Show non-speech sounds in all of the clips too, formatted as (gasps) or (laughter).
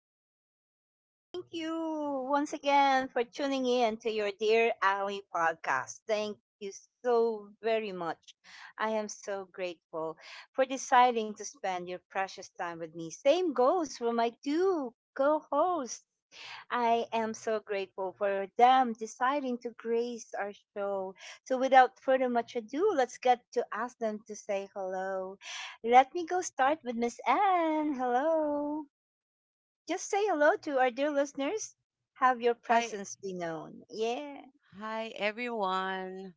Ali saying thank you once again for tuning in to your Dear Ali podcast. Thank you so very much. I am so grateful for deciding to spend your precious time with me. Same goes for my two co hosts. I am so grateful for them deciding to grace our show. So, without further much ado, let's get to ask them to say hello. Let me go start with Miss Anne. Hello. Just say hello to our dear listeners. Have your Hi, presence be known. Yeah. hi, everyone.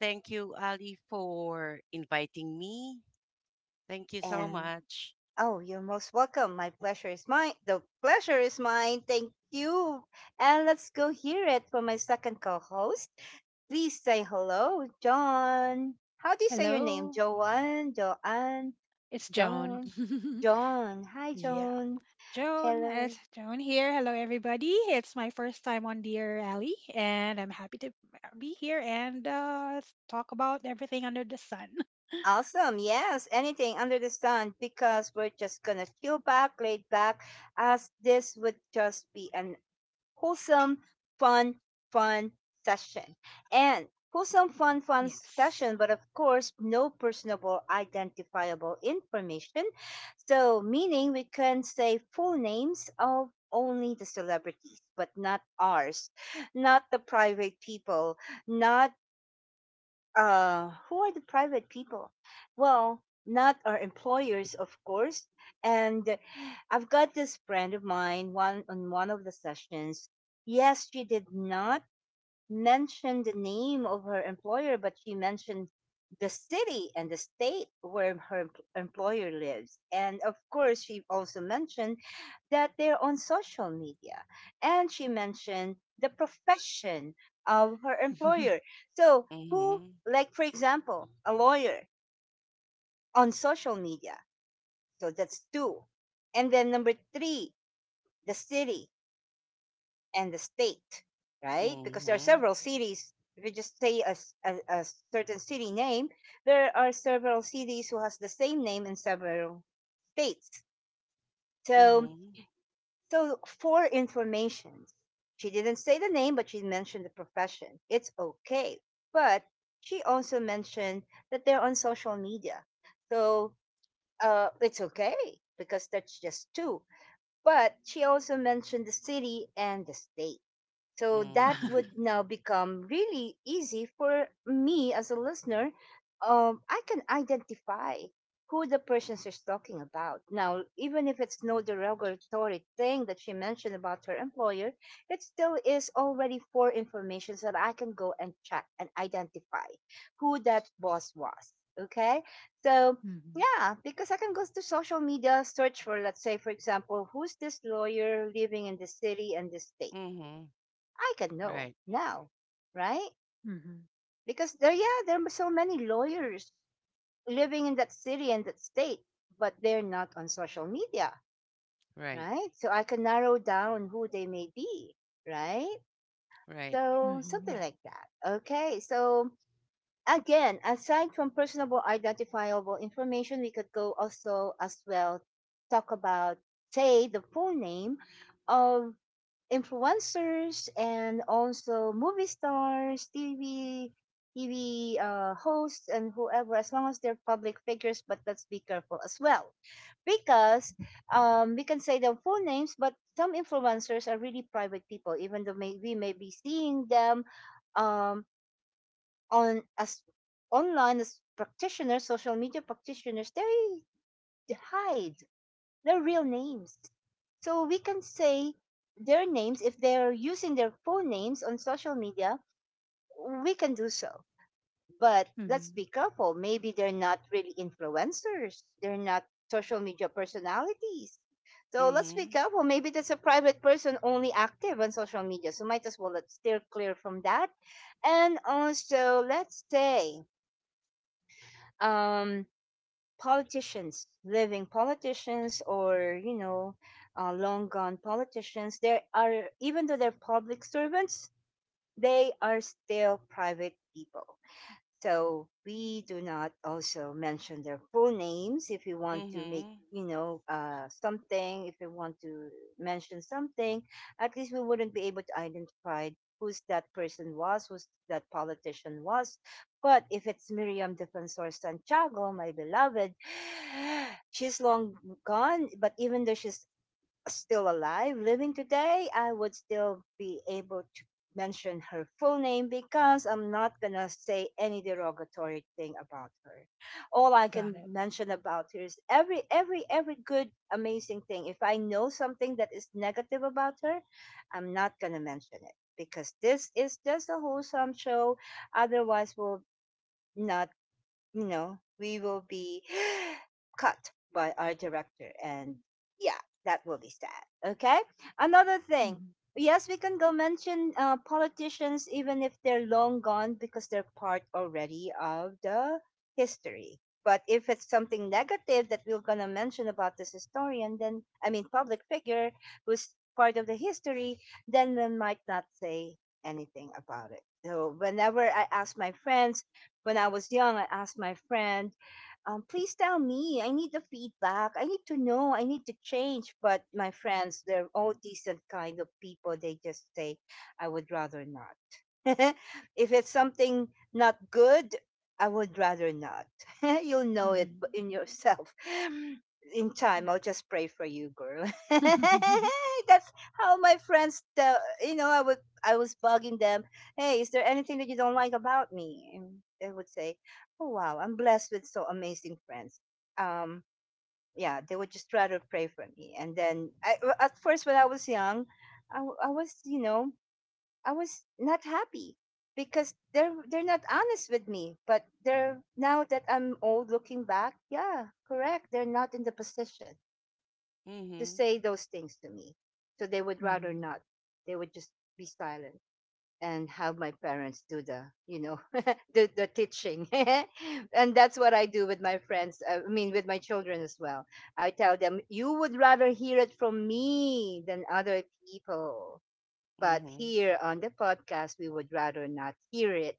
Thank you, Ali, for inviting me. Thank you so And much. oh, you're most welcome. My pleasure is mine. The pleasure is mine. Thank you. And let's go hear it from my second co host. Please say hello, John. How do you say your name? Joanne, Joanne, John, John. Hi, John. Hello. Awesome. Yes. Anything under the sun because we're just going to chill back, laid back, as this would just be an wholesome, fun, fun session. And wholesome, fun session, but of course, no personable, identifiable information. So, meaning we can say full names of only the celebrities, but not ours, not the private people, not who are the private people? Well, not our employers, of course. And I've got this friend of mine, one on one of the sessions. Yes, she did not mention the name of her employer, but she mentioned the city and the state where her employer lives. And of course, she also mentioned that they're on social media. And she mentioned the profession of her employer. So, who, Mhm. like, for example, a lawyer on social media. So that's two. And then number three, the city. And the state, right? Because there are Mhm. several cities. If you just say a certain city name, there are several cities who has the same name in several states. So, Mhm. so, for information, she didn't say the name, but she mentioned the profession. It's okay, but she also mentioned that they're on social media, so it's okay because that's just two. But she also mentioned the city and the state. So that Mhm. would now become really easy for me as a listener. I can identify who the person she's talking about. Now, even if it's no derogatory thing that she mentioned about her employer, it still is already for information so that I can go and check and identify who that boss was. Okay? So yeah, because I can go to social media, search for, let's say, for example, who's this lawyer living in this city and this state? Mhm. I can know Right. now, right? Because there, yeah, there are so many lawyers living in that city and that state, but they're not on social media, Right. right? So I can narrow down who they may be, right? Right. So something like that. Okay, so again, aside from personable identifiable information, we could go also as well talk about say the full name of influencers and also movie stars, TV, hosts, and whoever, as long as they're public figures. But let's be careful as well, because we can say their full names, but some influencers are really private people, even though we may be seeing them um, on as online as practitioners, social media practitioners. They hide their real names. So we can say their names if they're using their full names on social media, we can do so. But let's be careful. Maybe they're not really influencers. They're not social media personalities. So let's be Mhm. careful. Maybe that's a private person only active on social media. So might as well let's steer clear from that. And also let's say um politicians, living politicians, or you know, long gone politicians, there are even though they're public servants, they are still private people. So we do not also mention their full names if we want to make, Mhm. you know, something, if we want to mention something, at least we wouldn't be able to identify who's that person was, who's that politician was. But if it's Miriam Defensor Santiago, my beloved, (sighs) she's long gone, but even though she's still alive, living today, I would still be able to mention her full name because I'm not going to say any derogatory thing about her. All I can mention about her is every good amazing thing. If I know something that is negative about her, I'm not going to mention it because this is just a wholesome show. Otherwise, we'll not you know, we will be (gasps) cut by our director. And yeah, that will be sad. Okay. Another thing. Yes, we can go mention politicians even if they're long gone because they're part already of the history. But if it's something negative that we're going to mention about this historian, then, I mean, public figure who's part of the history, then we might not say anything about it. So, whenever I ask my friends, when I was young, I asked my friend, please tell me, I need the feedback. I need to know, I need to change. But my friends, they're all decent kind of people. They just say, I would rather not. (laughs) if it's something not good, I would rather not. (laughs) You'll know it in yourself. (laughs) In time, I'll just pray for you, girl. (laughs) That's how my friends, tell, you know, I would I was bugging them "Hey, is there anything that you don't like about me?" And they would say, "Oh wow, I'm blessed with so amazing friends." Um, yeah, they would just try to pray for me. And then, I, well, at first, when I was young, I, I was, you know, I was not happy because they're not honest with me. But they're now that I'm old, looking back, yeah, correct. They're not in the position to Mhm. say those things to me, so they would rather not. They would just be silent and have my parents do the you know (laughs) do the teaching (laughs) and that's what I do with my friends I mean with my children as well. I tell them you would rather hear it from me than other people, but Mhm. here on the podcast, we would rather not hear it.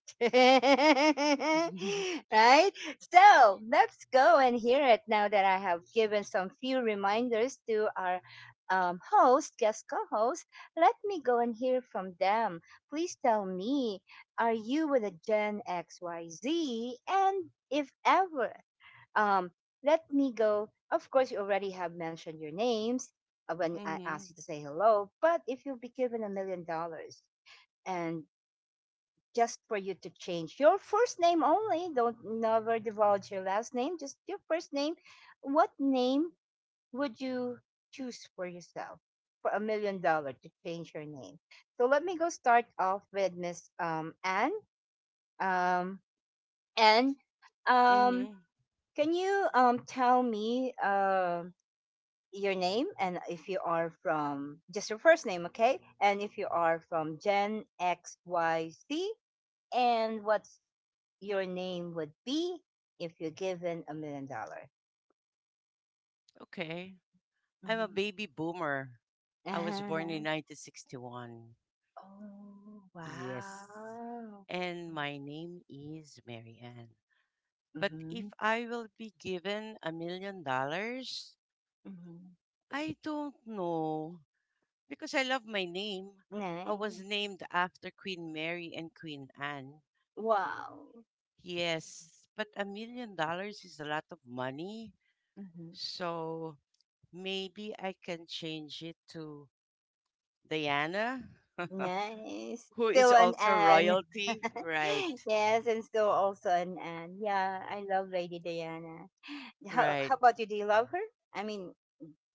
(laughs) right? So let's go and hear it now that I have given some few reminders to our host, guest co host. Let me go and hear from them. Please tell me, are you with a Gen XYZ? And if ever, um, let me go. Of course, you already have mentioned your names when I asked Mhm. you to say hello. But if you'll be given $1 million and just for you to change your first name only, don't never divulge your last name, just your first name. What name would you choose for yourself for $1 million to change your name? So let me go start off with Miss Anne. Um, Anne, um, Mhm. can you tell me? Your name and if you are from just your first name, okay? And if you are from Gen XYZ and what's your name would be if you're given 1 million dollar. Okay. I'm a Mhm. baby boomer. I was born in Mhm. 1961. Oh, Yes. wow. And my name is Mary Ann. But if Mhm. I will be given $1 million, Mhm. I don't know. Because I love my name. I was Nice. named after Queen Mary and Queen Anne. Wow. Yes, but $1 million is a lot of money. Mhm. So maybe I can change it to Diana, Nice. who Still is an also Anne. royalty. (laughs) Right, Yes, and still also an Anne. Yeah, I love Lady Diana. How right. about you? Do you love her? I mean,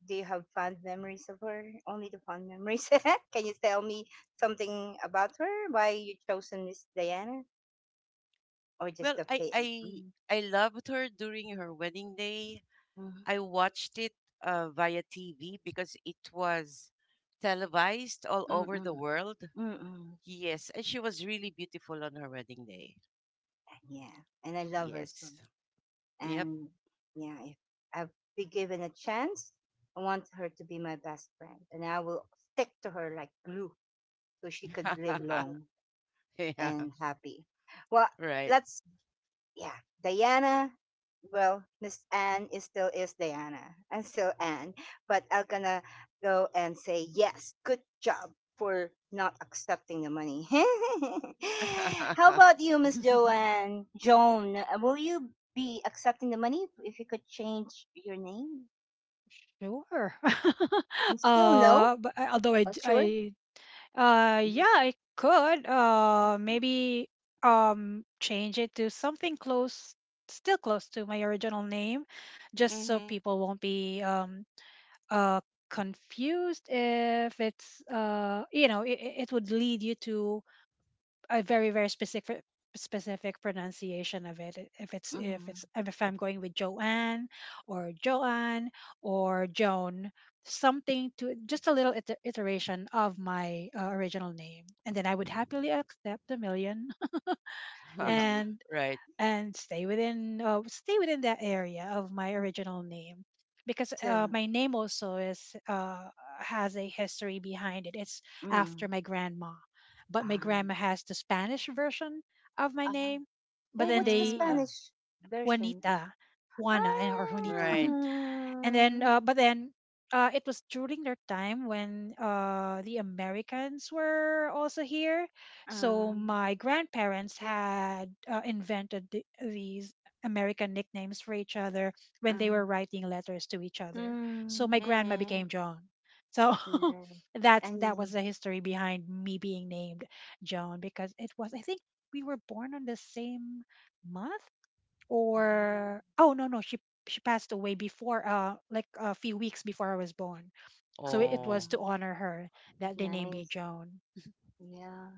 do you have fond memories of her? Only the fond memories. (laughs) Can you tell me something about her? Why you chosen Miss Diana, or just Well, the I, fame? I, Mm-hmm. I loved her during her wedding day. Mm-hmm. I watched it via TV because it was televised all over the Mm-hmm. world. Mm-hmm. Yes, and she was really beautiful on her wedding day. Yeah, and I love her so. Yes. Much. Yep. And yeah, if I've been given a chance, I want her to be my best friend, and I will stick to her like glue. So she could live (laughs) long Yeah. and happy. Well, Right. let's, yeah, Diana. Well, Miss Anne is still is Diana. I'm still Anne, but I'm gonna go and say yes. Good job for not accepting the money. (laughs) How (laughs) about you, Miss Joanne? Joan, will you be accepting the money if you could change your name? You still no? Oh, sure. Mhm. Mhm. Mhm. (laughs) Indeed. Right. So, mm. ah, ah, Oh, what's the Mhm. Spanish version? Right. Ah, ah, ah, mm, Mhm. nice. And ah, Oh. ah, nice. Yeah,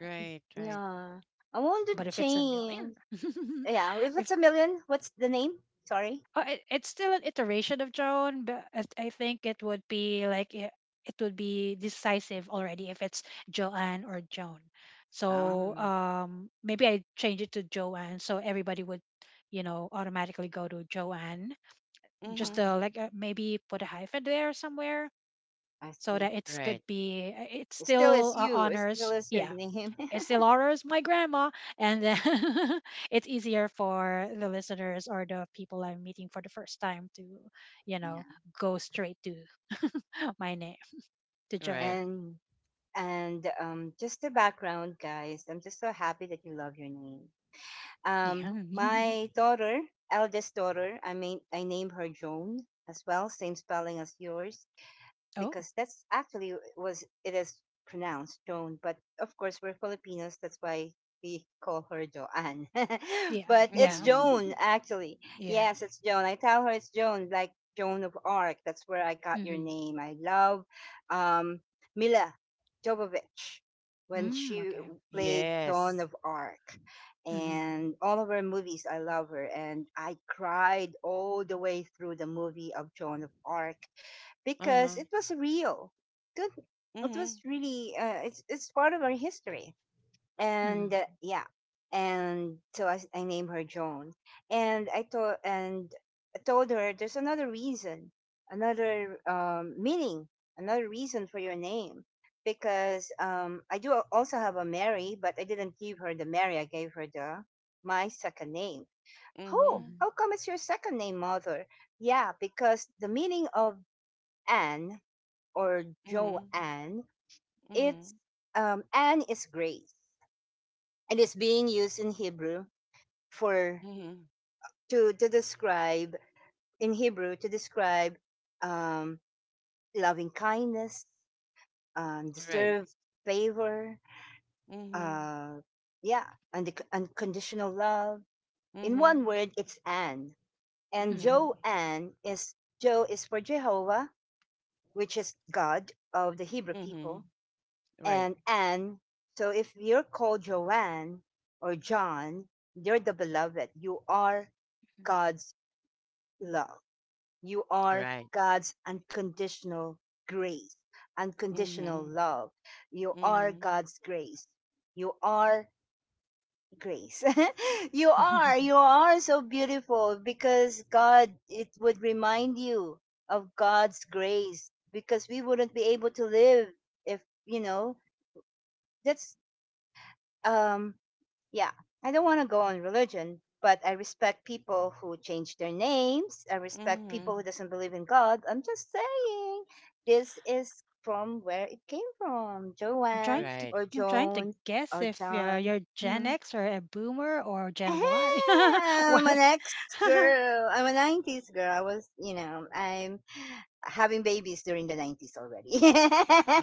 Right. Right. yeah. I want to change. Yeah, if it's a million, what's the name? Sorry. Um, Mhm. ah, I see. Right. It still is you. It still is your name. (laughs) yeah. Right. And and just the background, guys. I'm just so happy that you love your name. My daughter, eldest daughter, I mean, I named her Joan as well, same spelling as yours because that's actually was it is pronounced Joan, but of course we're Filipinos, that's why we call her Joanne. (laughs) but it's Mhm. Joan actually. Yes, it's Joan. I tell her it's Joan, like Joan of Arc. That's where I got your name. I love um, Mila Jovovich when she played Joan Yes. of Arc. And all of her movies, I love her. And I cried all the way through the movie of Joan of Arc Uh because huh. it was real. It it was Mhm. really it's part of our history, and yeah, and so I named her Joan, and I told her there's another reason, another meaning, another reason for your name. Because I do also have a Mary, but I didn't give her the Mary. I gave her the my second name. Oh, Mhm. how come it's your second name, mother? Yeah, because the meaning of Anne or Mhm. Joanne, it's Mhm. Anne is grace, and it's being used in Hebrew for Mhm. to describe in Hebrew to describe um, loving kindness, Right. deserved favor, Mm-mm. uh, yeah, and the unconditional love. In one Mhm. word, it's Anne, and Mhm. Joanne is Jo is for Jehovah, which is God of the Hebrew Mhm. Mhm. people, Right. and Anne. So if you're called Joanne or John, you're the beloved. You are God's love. You are Right. God's unconditional grace, unconditional Mhm. love. You are Mhm. God's grace. You are grace. (laughs) You are so beautiful because God, it would remind you of God's grace because we wouldn't be able to live if, you know, that's um yeah, I don't want to go on religion, but I respect people who change their names. I respect people who Mhm. doesn't believe in God. I'm just saying this is from where it came from, Joanne Right. or Joan or John. Hmm. Hey, I'm an ex girl. I'm a 90s girl. I was, you know, I'm having babies during the 90s already.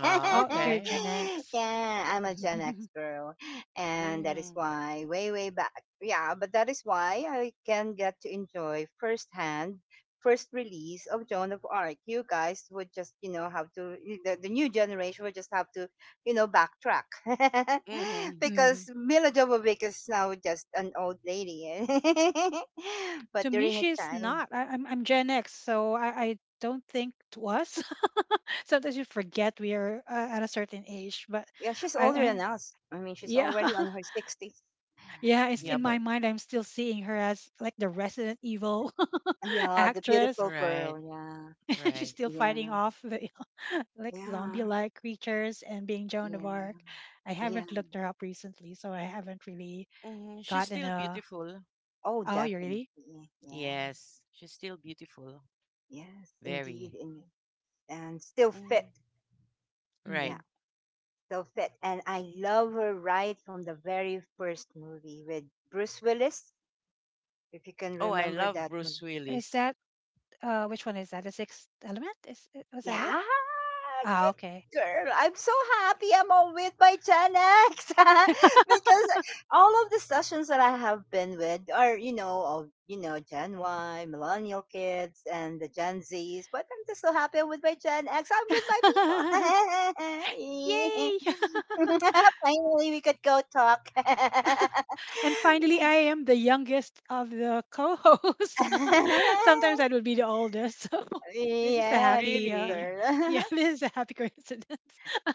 Oh, okay. (laughs) yeah, I'm a Gen X girl. And that is Mhm. why, way, way back. Yeah, but that is why I can get to enjoy firsthand, first release of Joan of Arc. You guys would just, you know, have to, the new generation would just have to you know, backtrack (laughs) Mhm. because Mila Jovovich is now just an old lady. Eh. (laughs) But during her time, yeah, she's older than us. I mean, she's already on her 60s. Yeah, Mhm. but Yeah, the beautiful right. girl. Yeah, Right. yeah, yeah, yeah, yeah. Mhm. She's still beautiful. Oh, definitely. Yeah, Yes, she's still beautiful. yes, Very. indeed. And still fit. Mhm. Right. Yeah, still fit. And I love her right from the very first movie with Bruce Willis. If you can Oh, I remember love that Bruce one. Willis. Yeah, good girl. I'm so happy I'm all with my Gen X (laughs) because all of the sessions that I have been with are, you know, of you know, Gen Y, millennial kids, and the Gen Zs. But I'm just so happy I'm with my Gen X. I'm with my people. (laughs) Finally, we could go talk. (laughs) Yeah, good Really. girl. (laughs)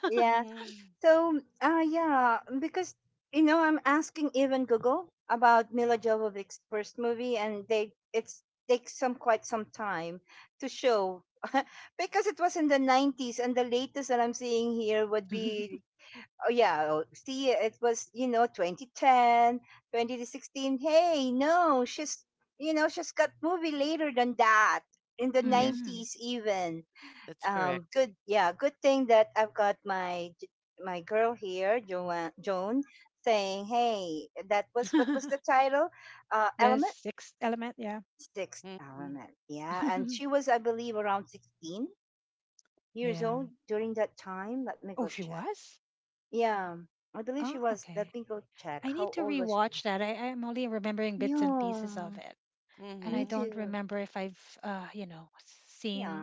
Yeah. Mhm. So, yeah, because you know, I'm asking even Google about Mila Jovovich's first movie, and they it's takes some quite some time to show (laughs) because it was in the 90s, and the latest that I'm seeing here would be oh yeah, oh, see, it was you know 2010, 2016. Hey, no, she's you know she's got movie later than that in the Yes, 90s even that's correct. good yeah good thing that I've got my J- my girl here joan saying hey that was what was the title element sixth Mhm. element yeah and she was I believe around 16 years old during that time let me go check yeah I believe she was let me go check how old was she yeah me Mhm. too yeah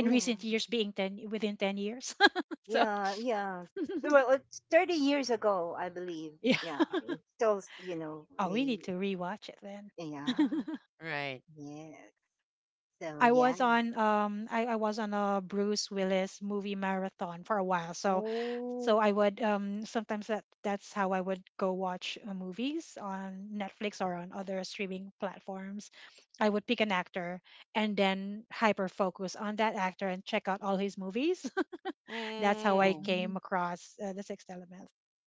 yeah yeah, yeah. Well, it's 30 years ago, I believe. Yeah, it's still, you know, re- yeah, Right. yeah. So, yeah. Oh, Mm. mhm.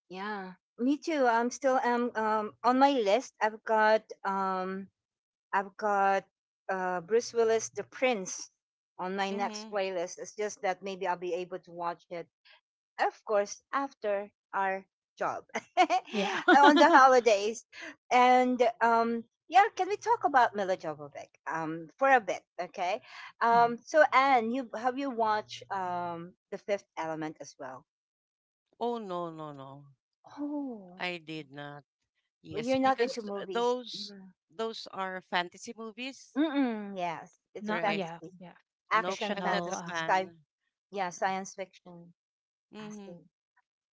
Yeah. Me too. I'm still on my list. I've got Bruce Willis The Prince on my next Mhm. playlist. It's just that maybe I'll be able to watch it of course, after our job (laughs) on the holidays. And yeah, can we talk about Mila Jovovich for a bit? Okay. So, Anne, you watched The Fifth Element as well? Oh, no, no, no. Oh, I did not. well, you're Yes, not into because movies. those Mm. those are fantasy movies, Mm-mm, yes, it's a right? fantasy, Nope, action I'm not a fantasy, fan. yeah, science fiction. I see. Mhm.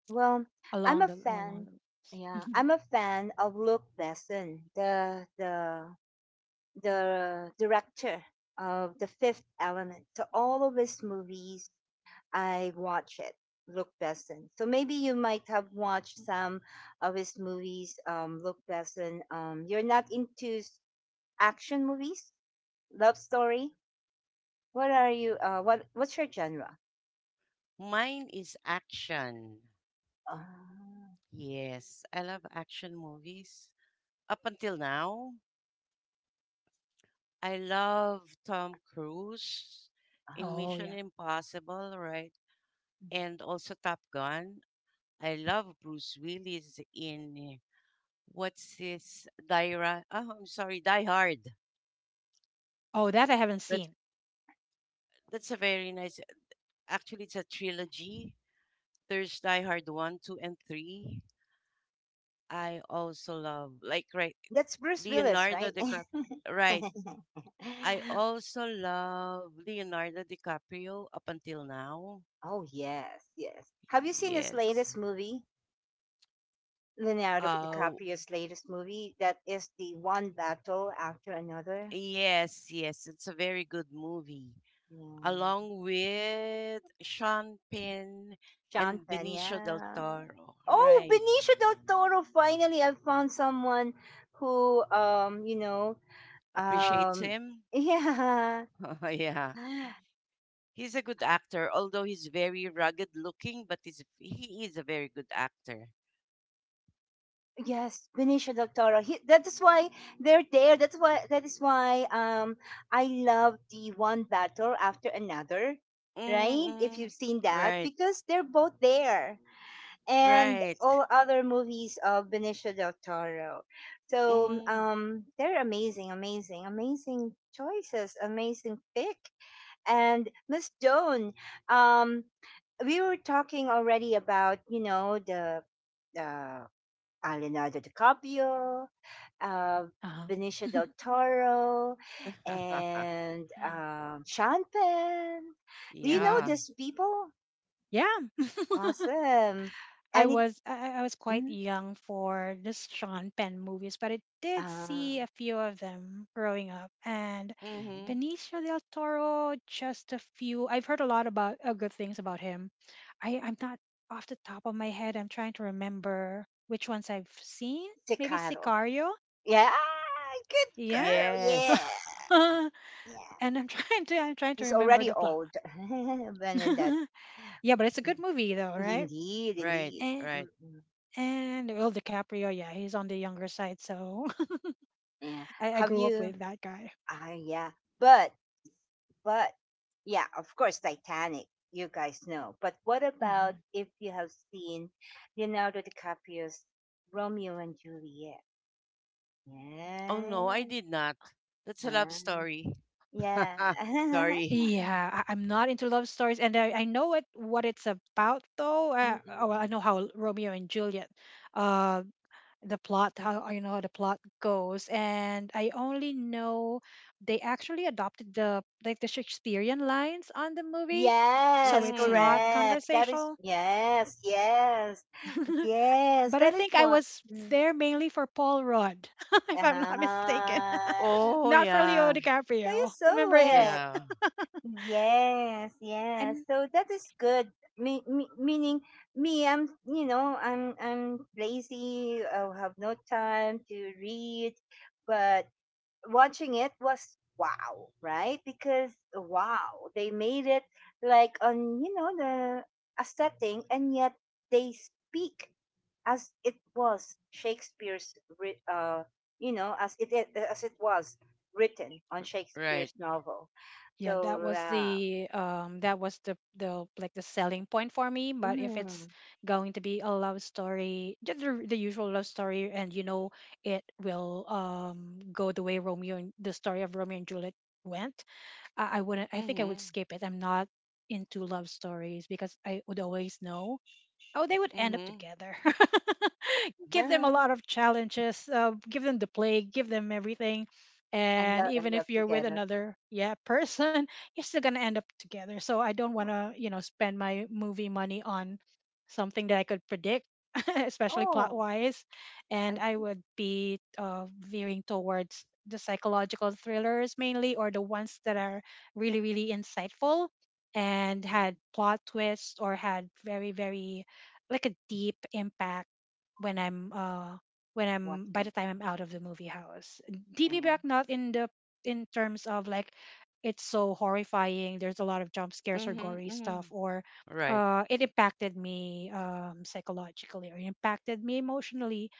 Well, I'm a fan. Yeah, I'm a fan of Luke Besson, the the director of The Fifth Element. So all of his movies, I watch it. Luke Besson. So maybe you might have watched some of his movies. Luke Besson. You're not into action movies, love story. What are you? What's your genre? Mine is action. Uh, Yes, I love action movies. Up until now, I love Tom Cruise in uh, Mission Impossible, right? And also Top Gun. I love Bruce Willis in what's this? Diary. Oh, I'm sorry, Die Hard. That that's a very nice. Actually, it's a trilogy. There's Die Hard one, two, and three. I also love like right that's Bruce Willis, Leonardo right? DiCaprio. Right. (laughs) I also love Leonardo DiCaprio up until now. Oh yes, yes. Have you seen his Yes. latest movie? Leonardo Uh DiCaprio's latest movie that is the one battle after another. yes, yes. It's a very good movie. Yeah. Along with Sean Penn Sean and Benicio del Pena. Toro. Oh, Right. Benicio del Toro. Finally, I found someone who, you know, Appreciates um, him. (laughs) yeah. (laughs) Yeah. He's a good actor, although he's very rugged looking, but he is a very good actor. Yes, Benicio del Toro. He, that is why they're there. That's why that is why I love the one battle after another, right? Mm-hmm, If you've mm-hmm. seen that, Right, because they're both there, and right. all other movies of Benicio del Toro. So Mm. They're amazing, amazing, amazing choices, amazing pick. And Miss Joan, um, we were talking already about you know the. The Leonardo DiCaprio, uh, Uh-huh. (laughs) Benicio del Toro, (laughs) and Sean Penn. Do you know hmm Yeah. these people? Yeah. (laughs) Awesome. I Any? was I, I was quite Mm, young for the Sean Penn movies, but I did uh, see a few of them growing up. And yeah. Mm-hmm. Benicio del Toro, just a few. I've heard a lot about good things about him. I'm not off the top of my head. I'm trying to remember which ones I've seen. Si Maybe Caro. Sicario. Yeah, ah, good Yeah. girl. Yeah, Yes. (laughs) And yeah. I'm trying to He's remember already the plot. old. (laughs) (laughs) Benedette. Yeah, but it's a good Mm, movie though, right? indeed, Right, indeed. right. Mm-mm. And well, DiCaprio, yeah, he's on the younger side, so (laughs) Yeah. I Have grew up you? with that guy. Ah, yeah. But But yeah, of course, Titanic. You guys know. But what about Mhm. if you have seen Leonardo DiCaprio's Romeo and Juliet? Oh, no, I Yes. did not. That's a Huh? love story. Yeah. (laughs) (laughs) Sorry. Yeah, I'm not into love stories, and I know what it's about though. Oh, well, I Mm-mm. know how Romeo and Juliet, uh, the plot, how you know how the plot goes, and I only know they actually adopted the like the Shakespearean lines on the movie, so it's not Mm. Conversational. Yes, yes, (laughs) yes. But That I is think I one. was Mm. there mainly for Paul Rudd, (laughs) if I'm not mistaken, (laughs) Uh-huh. Oh, not for Leo yeah. So you DiCaprio. saw Remember him? it. Yeah. Yes, yes. And So that is good. Me, me, meaning me, I'm you know I'm lazy. I have no time to read, but watching it was wow, right? Because wow, they made it like on you know the a setting, and yet they speak as it was you know, as it was written on Right. Shakespeare's novel. yeah, that So, was the like the selling point for me. But if it's mm, going to be a love story, just the usual love story, and you know it will go the way Romeo and the story of Romeo and Juliet went, I wouldn't. I think I would Mm-hmm. skip it. I'm not into love stories because I would always know. Oh, they would end up Mm-hmm. together. (laughs) Give them a uh-huh, lot of challenges, give them the plague, give them everything. and And they'll even end if up you're with together. another yeah (laughs) person, you're still gonna end up together. So I don't wanna, you know, spend my movie money on something that I could predict, (laughs) especially plot Oh, wise. And I I see. would be veering towards the psychological thrillers mainly, or the ones that are really, really insightful and had Mm, plot twists or had very, very like a deep impact when I'm by the watching time I'm out of the movie house. Deep and. impact not in the in terms of like it's so horrifying, there's a lot of jump scares or Mm-hmm. gory Mm-hmm. stuff or Right. It impacted me psychologically or impacted me emotionally,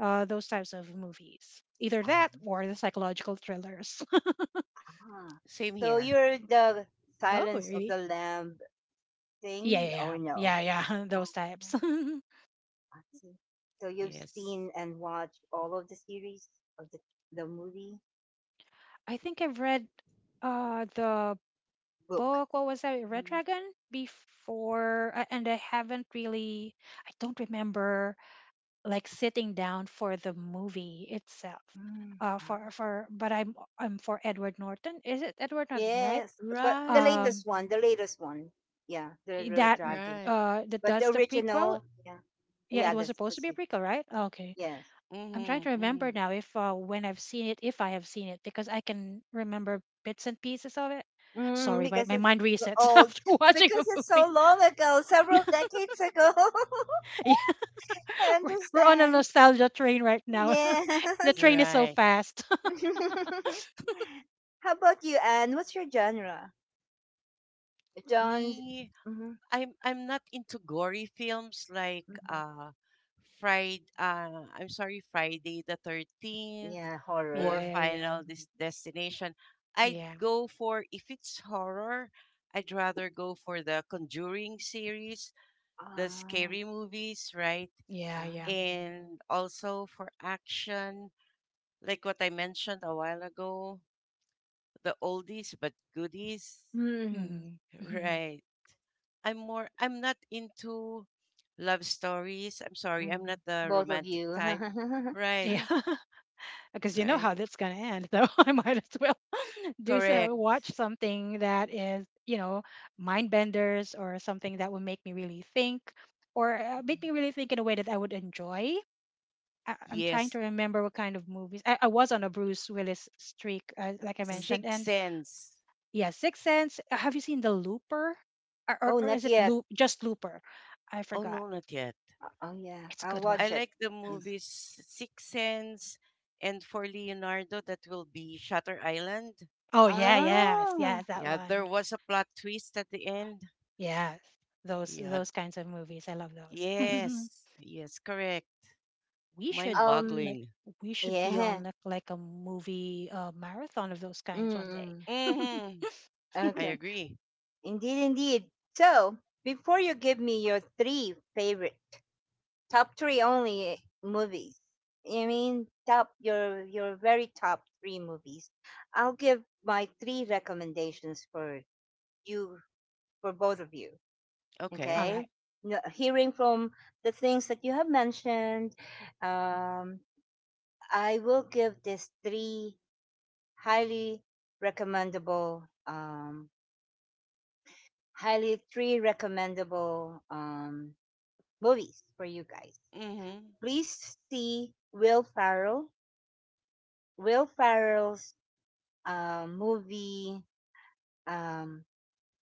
those types of movies. Either that uh or the psychological thrillers. (laughs) Ah, Same so here. you're the Oh, Silence of really? the Lamb Yeah, thing, or yeah, no? yeah, yeah, yeah, (laughs) those Oh, types. (laughs) I see. So you've Yes. seen and watched all of the series of the movie I think I've read the book. book. What was that? Red Mm. Dragon before, and I haven't really. I don't remember like sitting down for the movie itself. Mm. Uh, Ah, for for but I'm for Edward Norton. Is it Edward Norton, right? yes, but Right. Um, the latest one, yeah, the i- Red that Dragon. Right. That But the does the prequel. original, yeah, Yeah, it yeah, was supposed to be a prequel, right? Okay. yes, I'm trying Mm-hmm. to Mm. remember now if when I've seen it, if I have seen it, because I can remember bits and pieces of it. mm, Sorry, my, because my it's mind resets (laughs) old, after (laughs) watching a because it's movie. so long ago, several decades ago. (laughs) (laughs) Yeah, I we're on a understand. nostalgia train right now. (laughs) The Yes. train is so Right. fast. (laughs) How about you, Anne? What's your genre? John's. Me, Mm-hmm, I'm not into gory films like mm-hmm. Friday I'm sorry, Friday the 13th Yeah, (laughs) Yeah, or horror. yeah, yeah, Final Destination. I'd yeah, go for if it's horror, I'd rather go for the Conjuring series, the Ah. scary movies, right? yeah, yeah. uh, And also for action, like what I mentioned a while ago, the oldies but goodies. hmm. Mm-hmm. (laughs) Right. I'm not into love stories. I'm sorry, I'm not Hmm. the Both of romantic you. type. (laughs) Right. Yeah, (laughs) because you know Right. how that's gonna end, so (laughs) I might as well (laughs) do Uh, so. Correct. Watch something that is, you know, mind benders or something that will make me really think, or make me really think in a way that I would enjoy. I'm trying Yes. to remember what kind of movies. I was on a Bruce Willis streak, like I mentioned, mhm. Six and Sense. yeah, Sixth Sense. Have you seen The Looper? Or, or, Oh, or is not it yet. Loop? Just Looper? I Oh, forgot. no, not yet. Oh, yeah. It's a I'll good one. I watch it. like the Yes. movies Six Sense and for Leonardo that will be Shutter Island. Oh yeah, yes, yes, Ah. that Yeah, there one. was a plot twist at the end. Yes, those Yeah. those kinds of movies. I love those. (laughs) Yes. Yes, correct. We should Mind Um. like boggling. we should be Yeah. on like, like a movie marathon of those kinds one day. Mm. (laughs) Mm-hmm. I Okay. agree. Indeed, indeed. So, before you give me your three favorite top three only movies. I mean, top your very top three movies. I'll give my three recommendations for you for both of you. All Okay. Okay, right. Hearing from the things that you have mentioned, um, I will give these three highly recommendable, highly three recommendable movies for you guys. Mm-hmm. Please see Will Ferrell's movie. Um,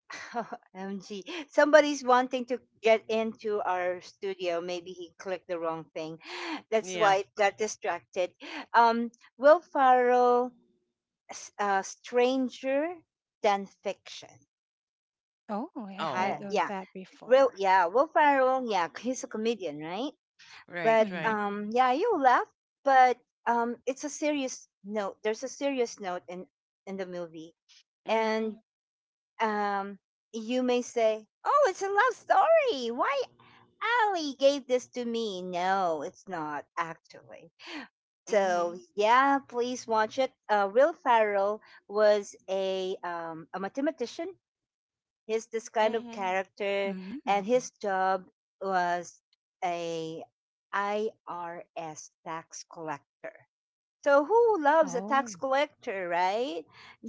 (laughs) MG, somebody's wanting to get into our studio. Maybe he clicked the wrong thing. (sighs) That's Yeah. why it got distracted. Um, Will Farrell, Stranger Than Fiction. Oh, I haven't Hi, heard Oh, of yeah, that Will. before. Yeah, Will Farrell, yeah, he's a comedian, right? right, But Mm-hmm. right. Yeah, you laugh, but it's a serious note. There's a serious note in the movie, and Mm-hmm. um, you may say, "Oh, it's a love story. Why Ali gave this to me?" No, it's not actually. So Mm-hmm. yeah, please watch it. Will Farrell was a mathematician. He's this kind of Mm-hmm. Mm-hmm. character, Okay. and his job was a IRS tax collector. So who loves a Oh. tax collector, right?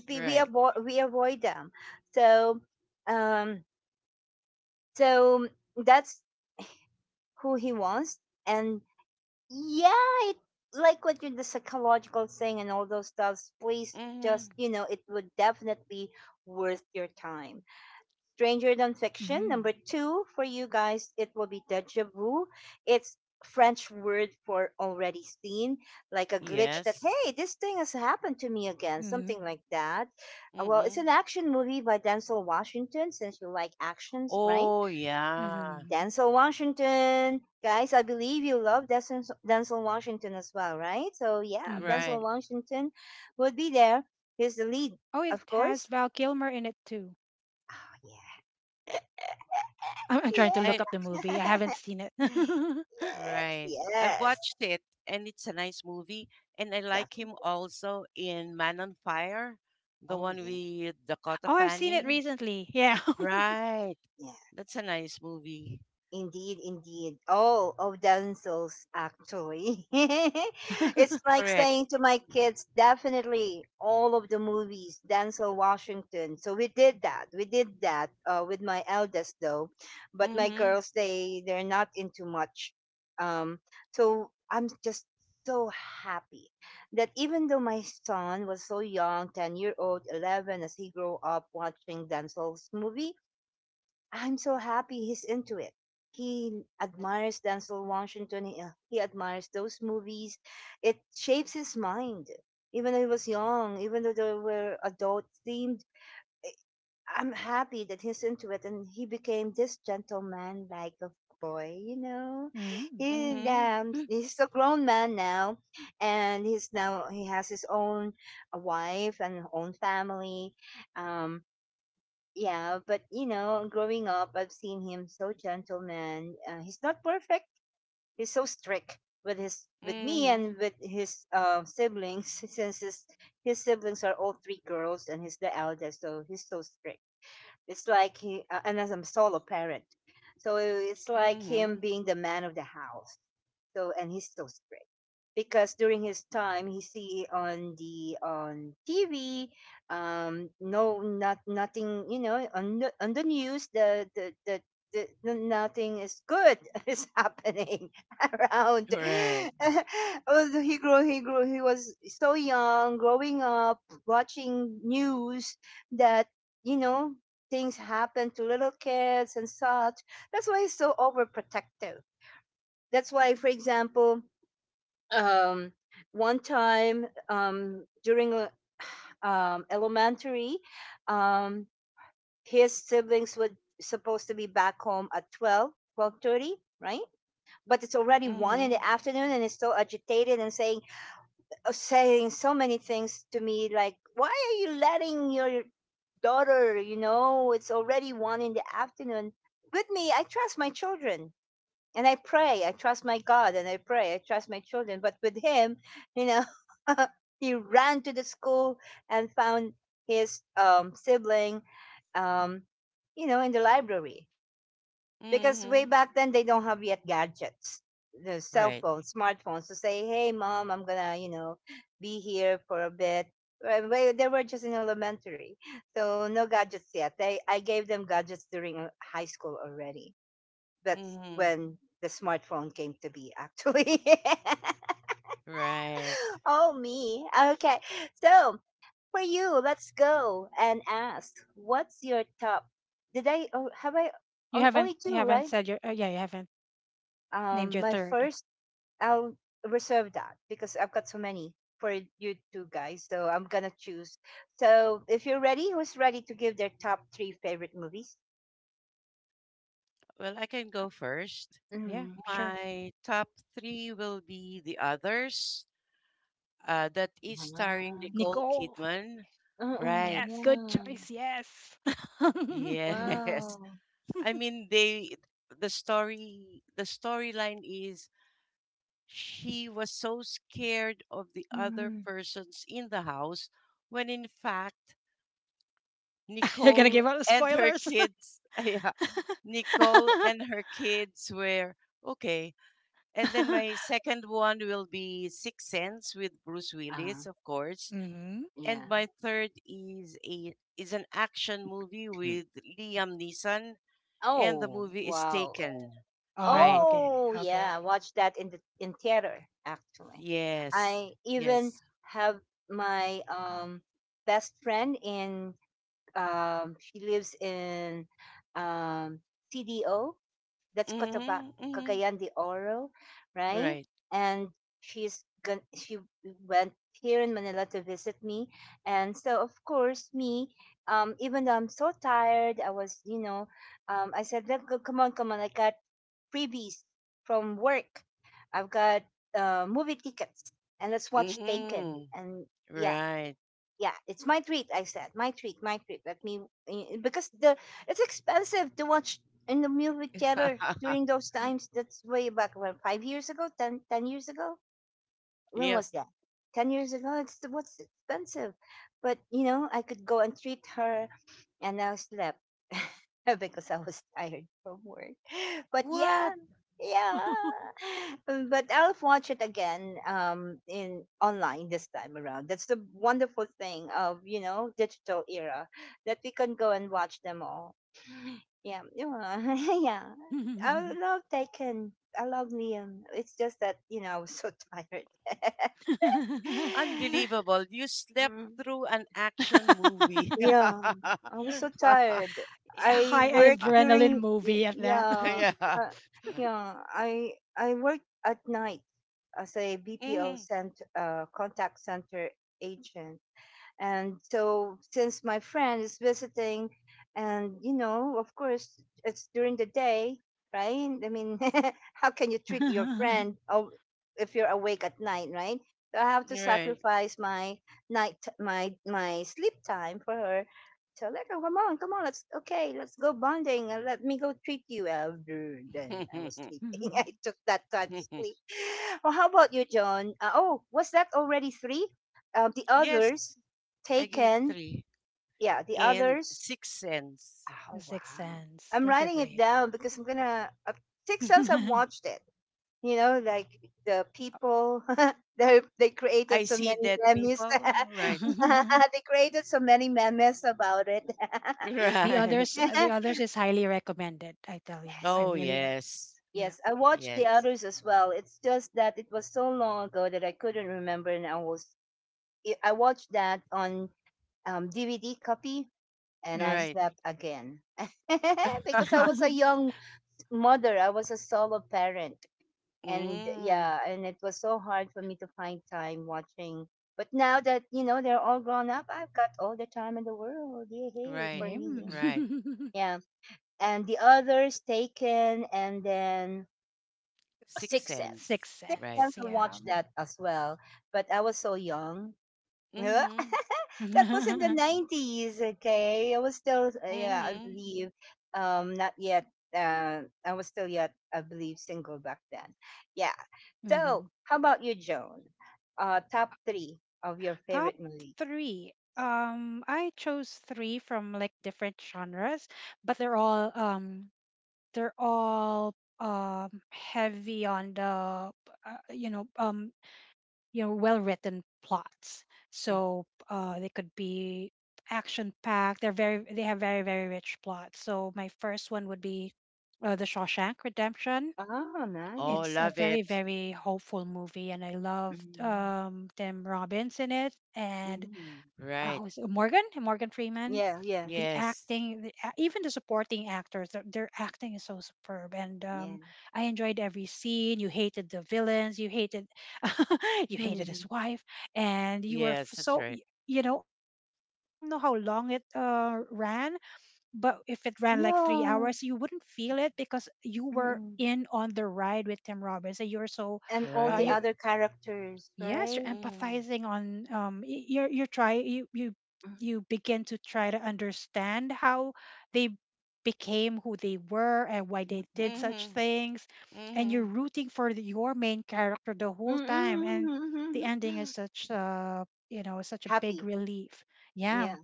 We Right. avoid them. So um so that's who he was, and yeah, it, like what you're the psychological thing and all those stuffs, please Mm-hmm. just, you know, it would definitely worth your time. Stranger Than Fiction, Mm-hmm. number two for you guys, it will be deja vu. It's French word for already seen, like a glitch that, Yes. hey, this thing has happened to me again, Mm-hmm. something like that. Well, it's Mm-hmm. an action movie by Denzel Washington, since you like actions, right? Oh, Mm-hmm. yeah. Denzel Washington. Guys, I believe you love Denzel Washington as well, right? So yeah, Mm-hmm. Denzel Right. Washington would be there. He's the lead, Oh, it of has course. Val Kilmer in it too. Oh, yeah. I'm trying to look I up the movie. I Yeah. haven't seen it. (laughs) (laughs) Oh, Yes, right. I've yes. watched it and it's a nice movie. And I like him Definitely. also in Man on Fire, the Oh one yeah. with Dakota I've seen it Fanning. recently. Yeah. Right. Yeah. That's a nice movie. Indeed, indeed. Oh, of damsels, actually. (laughs) It's (laughs) like Correct. saying to my kids, definitely all of the movies, Denzel Washington. So we did that. We did that with my eldest, though. But my Mm-hmm. girls, they they're not into much. Um, so I'm just so happy that even though my son was so young, 10 year old, 11, as he grew up watching Denzel's movie. I'm so happy he's into it. He admires Denzel Washington. He admires those movies. It shapes his mind. Even though he was young, even though they were adult themed, eh, I'm happy that he's into it and he became this gentleman like a boy. Mm. He, Mm-hmm. um, (laughs) he's a grown man now and he has his own wife and own family. Um, yeah, but growing up, I've seen him so gentleman. He's not perfect. He's so strict with me Mm-hmm. and with his siblings (laughs) since his siblings are all three girls and he's the eldest, so he's so strict. It's like he, and as I'm solo parent, so it's like him Mm-hmm. being the man of the house. So and he's so strict because during his time he see on the on TV. No, not nothing, on the news, nothing is good (laughs) is happening (laughs) around. Right. (laughs) Although he was so young, growing up, watching news that you know things happen to little kids and such. That's why he's so overprotective. That's why, for example, um, one time during (sighs) elementary, um, his siblings were supposed to be back home at 12, 12:30, right? But it's already 1 in Mm-hmm. the afternoon and he's so agitated and saying, saying so many things to me like, "Why are you letting your daughter, it's already one in the afternoon?" With me, I trust my children, and I pray. I trust my god and I pray. I trust my children, but with him, you know (laughs) he ran to the school and found his sibling, um, in the library, because way Mm-hmm. back then they don't have yet gadgets, the cell Right. phones, smartphones, to say, "Hey mom, I'm gonna, be here for a bit." Well, they were just in elementary, so no gadgets yet. They, I gave them gadgets during high school already. That's Hmm. when the smartphone came to be actually. Right. (laughs) Oh me, okay. So for you, let's go and ask, what's your top? Did i oh, have i You on- haven't only you two, haven't right? said your yeah you haven't named your My third. first, I'll reserve that because I've got so many for you two guys. So I'm gonna choose. So if you're ready, who's ready to give their top three favorite movies? Well, I can go first. Yeah, Mm. sure. My top three will be The Others, that is starring Ah. Nicole Nicole. Kidman. Uh-uh, Right. Yes, good yeah. choice. Yes. (laughs) Yes. Wow. (laughs) I mean, they the storyline is she was so scared of the other Mm. persons in the house when in fact You're gonna Nicole give out the and her spoilers. kids (laughs) yeah, Nicole and her kids were okay. And then my second one will be Six Sense with Bruce Ah. Willis, of (laughs) course. Hmm. And Yeah. my third is a is an action movie with (clears throat) Liam Neeson, and the Oh. movie is Wow. Taken. Oh, Right. okay, Oh. Yeah. Watch that in the in theater. Actually, Yes. I even Yes. have my best friend in, she lives in, um, CDO, that's Mhm. Mhm. Cagayan de Oro, right? Right. And she went here in Manila to visit me, and so of course me, even though I'm so tired, I was, I said, "Let go, come on, come on!" I got freebies from work. I've got movie tickets, and let's watch Taken. Mhm. And yeah, Right. yeah, it's my treat. I said my treat, my treat. Let me because the it's expensive to watch in the movie theater (laughs) during those times. That's way back when 5 years ago, ten, 10 years ago, when Yep. was that? 10 years ago. It's what's expensive, but you know I could go and treat her, and I slept (laughs) because I was tired from work. (laughs) But yeah, What? yeah. But I'll watch it again in online this time around. That's the wonderful thing of digital era, that we can go and watch them all. Yeah, yeah, (laughs) yeah. I love Taken. I love Liam. It's just that I was so (laughs) tired. okay. Unbelievable. You slept Mm, through an action movie. (laughs) (laughs) yeah, I was so (laughs) tired. I High worked adrenaline during movie at that. (laughs) yeah, Yeah. uh, yeah. I worked at night as a BPO Mhm. cent uh, contact center agent. And so, since my friend is visiting, and you know, of course, it's during the day, right? I mean, (laughs) how can you (laughs) treat your The friend, oh, if you're awake at night, right? So I have to Right. sacrifice my night, my sleep time for her. So like, oh, come on, come on, let's, okay, let's go bonding, and let me go treat you. Then I was (laughs) sleeping. (laughs) I took that time to sleep. Well, how about you, John? Oh, was that already three? The Yes, others, I gave Taken. three Yeah, the and others. six cents. Oh Sixth wow! Sense. I'm Those are writing it great. down because I'm gonna. Six Sense. I've (laughs) watched it. You know, like the people. (laughs) They created I so see many dead memes. (laughs) people. Right. (laughs) Yeah, they created so many memes about it. The Right. (laughs) others, the Yes, others is highly recommended. I tell you, I Oh, really, yes. yeah. yes. I watched the Yes. others as well. It's just that it was so long ago that I couldn't remember, and I was. I watched that on DVD copy and I Hmm. Right. slept again. (laughs) Because I was a (laughs) (laughs) young mother. I was a solo parent, and Mm. yeah, and it was so hard for me to find time watching. But now that you know they're all grown up, I've got all the time in the world. Yay yay, Right. for Yeah. me, Right. (laughs) yeah. And the others, taken, and then Six Six Sense. cents. Sixth Six Right. Sense, Sense. I Yeah. watched that as well, but I was so young. (laughs) That Mhm. was in the (laughs) 90s. Okay, I was still yeah, I Mhm. believe, not yet, I was still yet I believe single back then. Yeah, Hmm. so how about you, Joan? Uh, top three of your Top favorite movies? three. I chose three from like different genres, but they're all they're all heavy on the you know um you know well written plots, Mm. so they could be action packed. They're very, they have very, very rich plots. So my first one would be The Shawshank Redemption. Oh Oh, nice. It's a love very, it. very hopeful movie, and I loved Mm-hmm. Tim Robbins in it and Mm-hmm. Right. Morgan Freeman. Yeah, yes. The Yes. acting, even the supporting actors, their acting is so superb. And Yeah. I enjoyed every scene. You hated the villains. You hated, (laughs) you hated his Mhm. wife, and you were Yes. That's so. right. You know, along the movie, I don't know how long it ran, but if it ran like three Yeah. hours, you wouldn't feel it because you were Mm. in on the ride with Tim Robbins, and you're so, And all the you Right. other characters, yes, right? you're Mhm. empathizing on you're try you you you begin to try to understand how they became who they were and why Mm, they mm, mm, did mm. such Mhm. things, and you're Mhm. rooting for your main character the Mm, whole time, mm, and mm, the mm, ending is mm. such a, you know, (laughs) such a big Happy, relief. Yeah, yeah.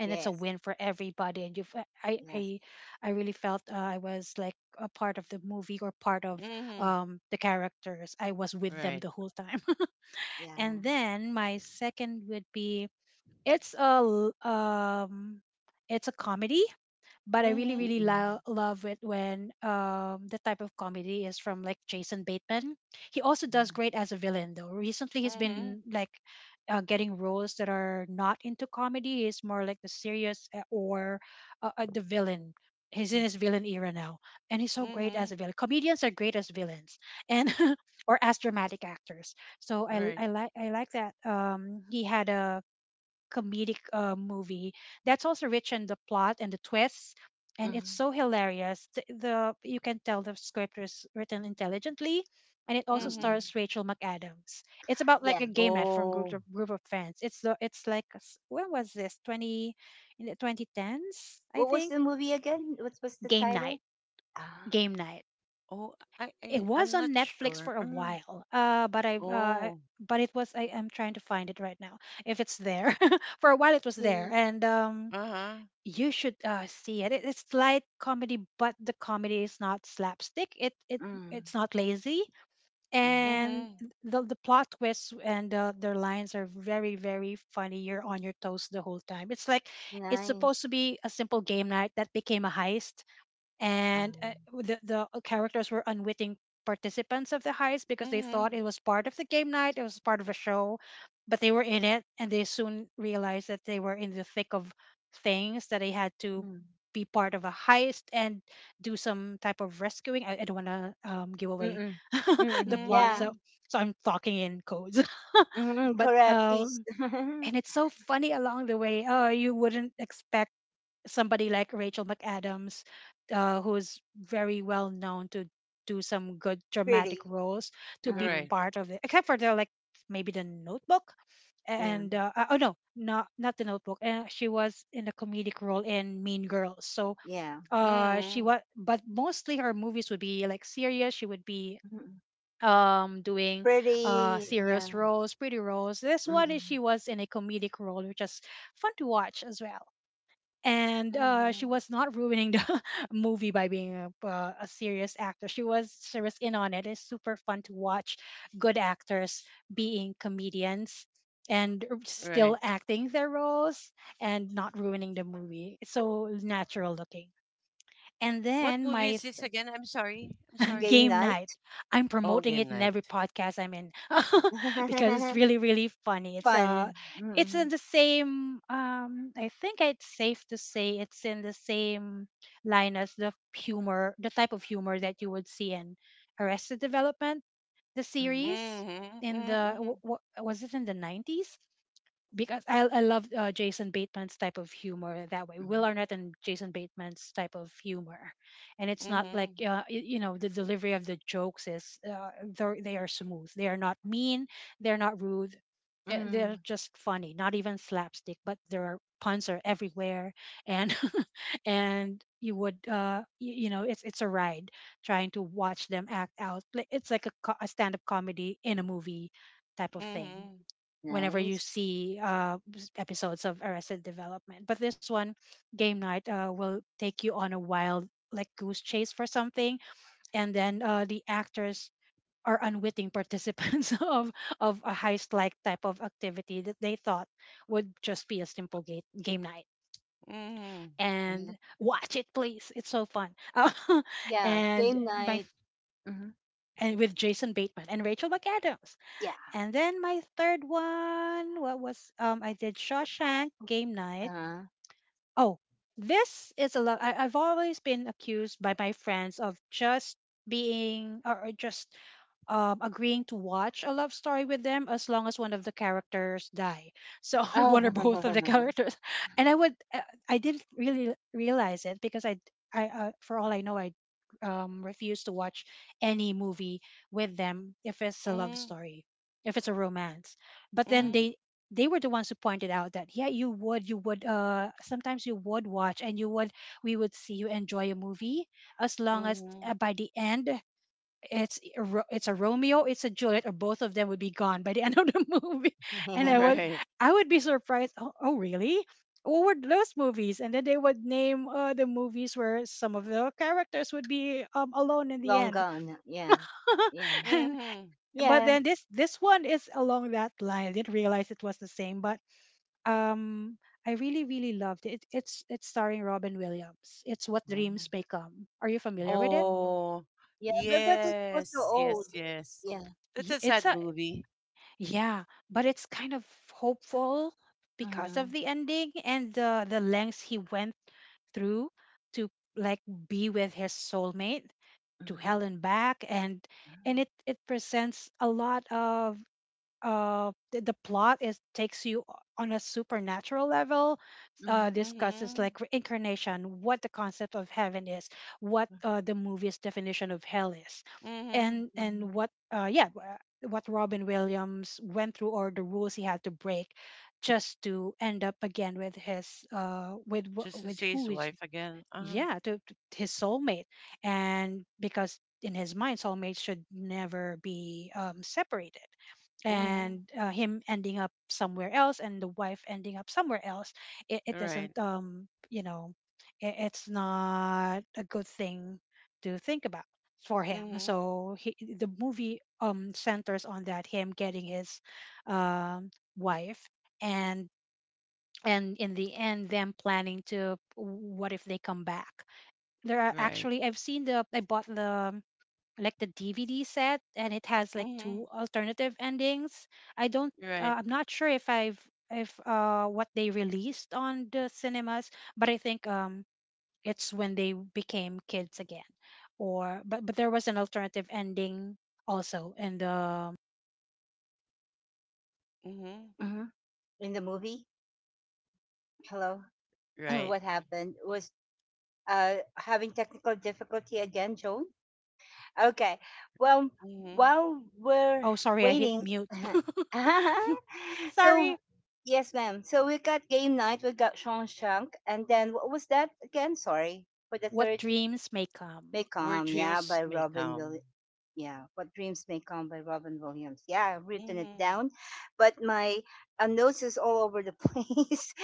and it's a win for everybody, and you've I Yes. I I really felt I was like a part of the movie or part of Mhm. The characters. I was with them Right. the whole time. Yeah. And then my second would be, it's it's a comedy, but I really, really Mhm. Mm-mm. Love it when the type of comedy is from like Jason Bateman. He also does Mm-mm. great as a villain though. Recently he's Mhm. been like getting roles that are not into comedy. He's more like the serious or the villain. He's in his villain era now, and he's so great as a Mhm. villain. Comedians are great as villains, and (laughs) or as dramatic actors. So I Right. I like I like that. He had a comedic movie that's also rich in the plot and the twists, and it's Mm-mm. so hilarious. The you can tell the script is written intelligently, and it also Mhm. stars Rachel McAdams. It's about like Yeah. a game night from Oh. Group of friends. It's like when was this 20 in the 2010s, I What was think. the movie again? What was the Game title? night. Ah, Game night. Oh, It was I'm not on Netflix sure. for a Uh-huh. while, Oh. but it was, I am trying to find it right now if it's there. (laughs) For a while it was yeah. there, and Uh-huh. you should see it. It- It's light comedy, but the comedy is not slapstick. Mm. It's not lazy, Mm. and Mhm. The plot twists and their lines are very, very funny. You're on your toes the whole time. It's like it's Nice. supposed to be a simple game night that became a heist, and Um, the characters were unwitting participants of the heist because they thought Mhm. it was part of the game night, it was part of a show, but they were in it, and they soon realized that they were in the thick of things, that they had to mm. be part of a heist and do some type of rescuing. I don't want to give away Mm-mm. (laughs) Mm-mm. the plot, Yeah. so Mhm. so I'm talking in codes. (laughs) Mm-mm. But Correct. Please. And it's (laughs) so funny along the way. Oh, you wouldn't expect somebody like Rachel McAdams, who's very well known to do some good dramatic Pretty. roles, to be Uh-huh. Right. part of it, except for the like maybe The Notebook Yeah. and oh no, not not The Notebook. She was in a comedic role in Mean Girls, so Yeah. She Mhm. was, but mostly her movies would be like serious. She would be Mm-mm. Doing Pretty. Yeah. serious roles, pretty roles. This one is, she Mm-mm. was in a comedic role, which is fun to watch as well, and she Mhm. was not ruining the (laughs) movie by being a serious actor. She was serious in on it. It's super fun to watch good actors being comedians and still Right. acting their roles and not ruining the movie. It's so natural looking. And What then movie is my this again? I'm sorry. I'm sorry. Game game night. night. I'm Oh, promoting Game it in Night. every podcast I'm in (laughs) because (laughs) it's really, really funny. It's uh Fun. it's in Mm-mm. the same I think it's safe to say it's in the same line as the humor, the type of humor that you would see in Arrested Development, the Mm-mm. series. Mhm. In the Mhm. Was it in the 90s? Because I love Jason Bateman's type of humor that way. Mm-mm. Will Arnett and Jason Bateman's type of humor, and it's not like Mhm. You know the delivery of the jokes is they are smooth. They are not mean. They're not rude. They're Mm. just funny. Not even slapstick, but there are puns are everywhere, and (laughs) and you would you know it's a ride trying to watch them act out. Like, it's like a stand up comedy in a movie type of thing Mhm. whenever you Nice. see episodes of Arrested Development. But this one, game night, will take you on a wild, like goose chase for something, and then the actors are unwitting participants (laughs) of a heist-like type of activity that they thought would just be a simple game night. Mhm. Mm, And watch it, please. It's so fun. (laughs) Uh, yeah, and game my night. f- Mhm. and with Jason Bateman and Rachel McAdams. Yeah. And then my third one, what was, I did Shawshank, game night. Uh-huh. Oh, this is a lot. I've always been accused by my friends of just being or just agreeing to watch a love story with them as long as one of the characters die, so (laughs) Oh. one or both of the characters. And I didn't really realize it, because I for all I know , I refuse to watch any movie with them if it's a love Mhm. story, if it's a romance. But then Mhm. they were the ones who pointed out that, yeah, you would, sometimes you would watch, and you would we would see you enjoy a movie as long as, Mhm. by the end, it's a Romeo, it's a Juliet, or both of them would be gone by the end (laughs) of the movie. And (laughs) I (laughs) would Right. I would be surprised. Oh, really? What were those movies? And then they would name the movies where some of the characters would be alone in the Long end. gone. Yeah. Yeah. (laughs) and, Mhm. but Yeah. then this one is along that line. I didn't realize it was the same, but um, I really really loved it. It's starring Robin Williams. It's What Dreams May Come. Are you familiar with it? Um, Oh, yeah, but it was so yes, yes, old. yes. Yeah. That's Y- a It's sad a movie. Yeah, but it's kind of hopeful because of Mhm. the ending and the lengths he went through to, like, be with his soulmate, to Mhm. hell and back. And it presents a lot of. The plot is takes you on a supernatural level. Mhm. Discusses, Mhm. like, reincarnation, what the concept of heaven is, what the movie's definition of hell is, Mhm. and what Robin Williams went through, or the rules he had to break just to end up again with his with Just wh- to with see who his he wife again. Uh-huh. To his soulmate. And because, in his mind, soulmates should never be separated, Mhm. Mhm. and him ending up somewhere else and the wife ending up somewhere else, it You're right. doesn't, it's not a good thing to think about for him. Mhm. So the movie, centers on that, him getting his um wife, and in the end them planning to, what if they come back. There are You're right. actually I bought the like the DVD set, and it has like Mhm. two alternative endings. I don't You're right. I'm not sure if I've if what they released on the cinemas, but I think, it's when they became kids again. Or but there was an alternative ending also, and Mhm. Mhm. In the movie, hello, You're (clears throat) right. what happened was, uh, having technical difficulty again, Joan. Okay. Well, Mhm. while we're oh, sorry, I hit waiting, mute. (laughs) (laughs) so Sorry. yes, ma'am. So we got game night. We got Shawshank, and then what was that again? Sorry for the What third. Dreams May May Come. Where come. Yeah, dreams by may Robin Will. come. Yeah, what dreams may come by Robin Williams. Yeah, I've written it Mhm. down, but my notes is all over the (laughs) place.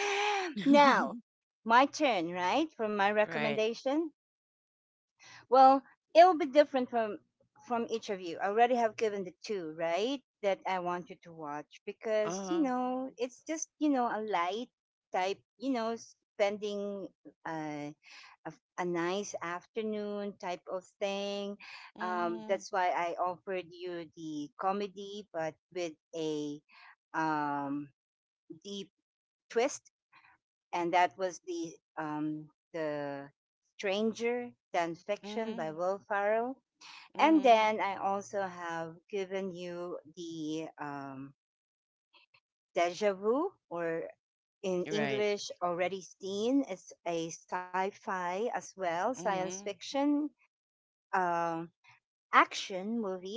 Now, (laughs) my turn, right? For my Right. recommendation. Well, it will be different from, each of you. I already have given the two, right? That I want you to watch because you Uh-huh. know it's just, you know, a light type, you know, spending uh, a a nice afternoon type of thing. Mhm. That's why I offered you the comedy, but with a, um, deep twist, and that was the Stranger Than Fiction by Mhm. Will Farrell. And Mhm. then I also have given you the, deja vu, or in You're right. English, already seen. It's a sci fi as well, science Mhm. fiction um action movie.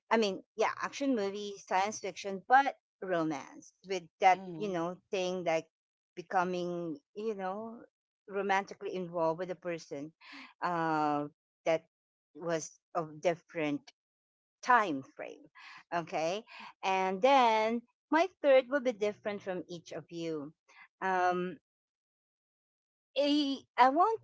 I mean, yeah, action movie, science fiction, but romance with that, you Mhm. know, thing like becoming, you know, romantically involved with a person uh, that was of different time frame. Okay. And then my third will be different from each of you. Um, I want,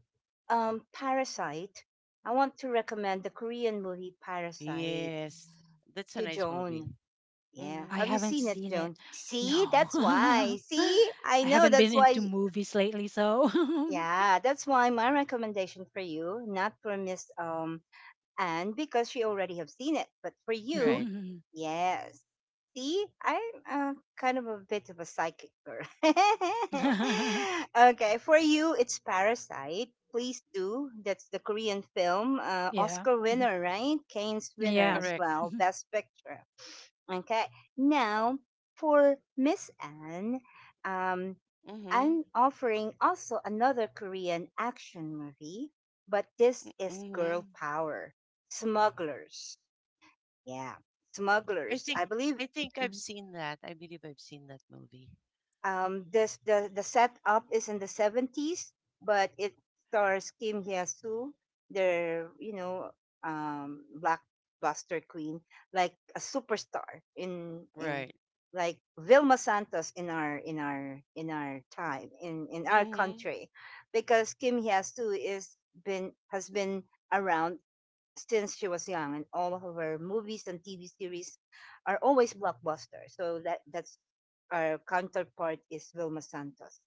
Parasite. I want to recommend the Korean movie Parasite Yes. That's to a nice Joan. movie. Yeah. I Mhm. Have you haven't seen it, seen Joan? it. See, No. (laughs) that's why. I See, I know haven't been that's why. into movies lately, so (laughs) Yeah, that's why my recommendation for you, not for Miss and because she already have seen it. But for you, Right. Mhm. yes. See, I'm kind of a bit of a psychic girl. (laughs) (laughs) Okay, for you, it's Parasite. Please do. That's the Korean film, Yeah. Oscar Mhm. winner, right? Kane's winner Yeah. as Correct. well, Mhm. Best Picture. Okay. Now, for Miss Anne, um, Mm-hmm. I'm offering also another Korean action movie, but this is Mm-hmm. Girl Power Smugglers. Yeah, I Smugglers. I think believe. I think I've Mm-hmm. seen that. I believe I've seen that movie. This, the setup is in the 70s, but it stars Kim Hye Soo, their, you know, blockbuster queen, like a superstar in, Right. like Vilma Santos in our, time, in, our Mm-hmm. country, because Kim Hye Soo is, been has been around since she was young, and all of her movies and TV series are always blockbusters. So that that's our counterpart is Vilma Santos.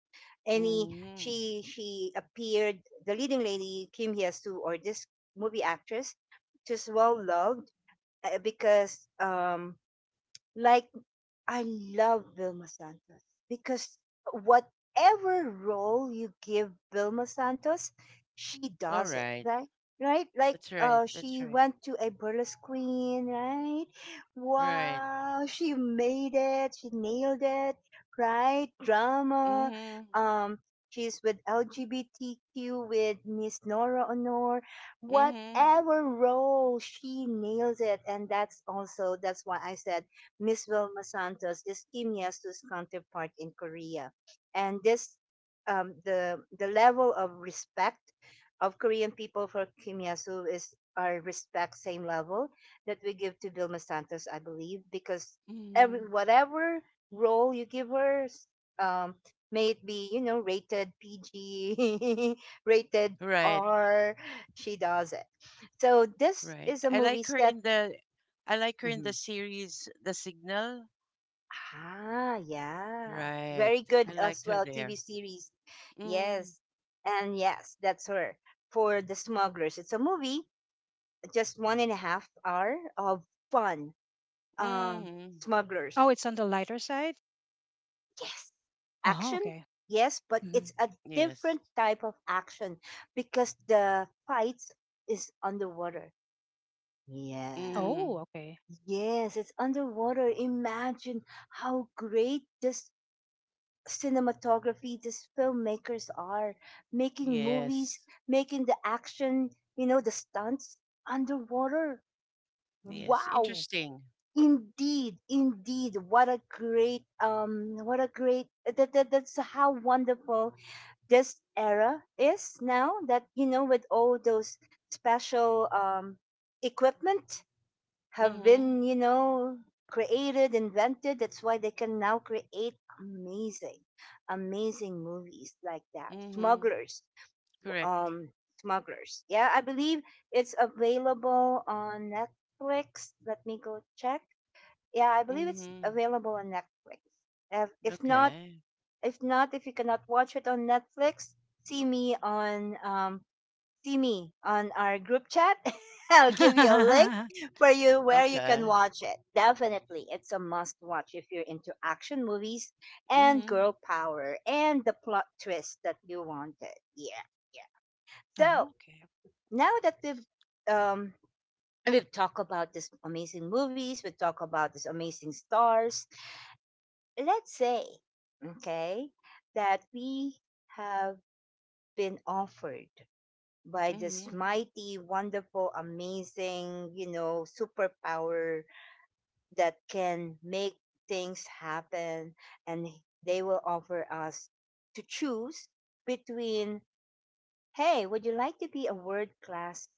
Any, Mm-hmm. She appeared, the leading lady Kim Hyesu, or this movie actress, just well loved, because, like, I love Vilma Santos because whatever role you give Vilma Santos, she All does it, right. right? Right? Like, That's right. uh, That's she right. went to a burlesque queen, right? Right. Wow, she made it, she nailed it, right? Drama. Mm-hmm. Um she's with LGBTQ with Miss Nora Honor. Mm-hmm. Whatever role she nails it and that's why I said Miss Vilma Santos is Kim Yesu's counterpart in Korea. And this, the level of respect of Korean people for Kim Yesu is our respect same level that we give to Vilma Santos, I believe, because every Mm-hmm. whatever role you give her, um, may it be rated PG, (laughs) rated Right. R, she does it. So this Right. is a movie set. I like her in the series The Signal. Ah, yeah. Right. Very I good liked as her well, TV there. series. Mm. Yes. And yes, that's her. For The Smugglers. It's a movie, just 1.5 hour of fun. Um, Mm-hmm. Oh, smugglers. it's on the lighter side? Yes. Oh, Action? okay. Yes, but Hmm. it's a Yes. different type of action because the fights is underwater. Yeah. Mm. Oh, okay. Yes, it's underwater. Imagine how great this cinematography these filmmakers are making movies, Yes. making the action, the stunts underwater. Yes. Wow. Interesting. Indeed, indeed. What a great, that's how wonderful this era is now that with all those special equipment have Mm-hmm. been, created, invented. That's why they can now create amazing, amazing movies like that. Mm-hmm. Smugglers, Correct. um, smugglers. Yeah, I believe it's available on Netflix. Let me go check. Yeah, I believe it's Mhm. available on Netflix. If not, Okay. If you cannot watch it on Netflix, see me on to me on our group chat. (laughs) I'll give you a link (laughs) for you where you can Okay. watch it. Definitely, it's a must watch if you're into action movies and Mhm. girl power and the plot twist that you wanted. Yeah, yeah. So Oh, okay. now that um we've talked about these amazing movies, we talk about these amazing stars. Let's say, okay, that we have been offered by this Mhm. mighty, wonderful, amazing, superpower that can make things happen. And they will offer us to choose between, hey, would you like to be a world class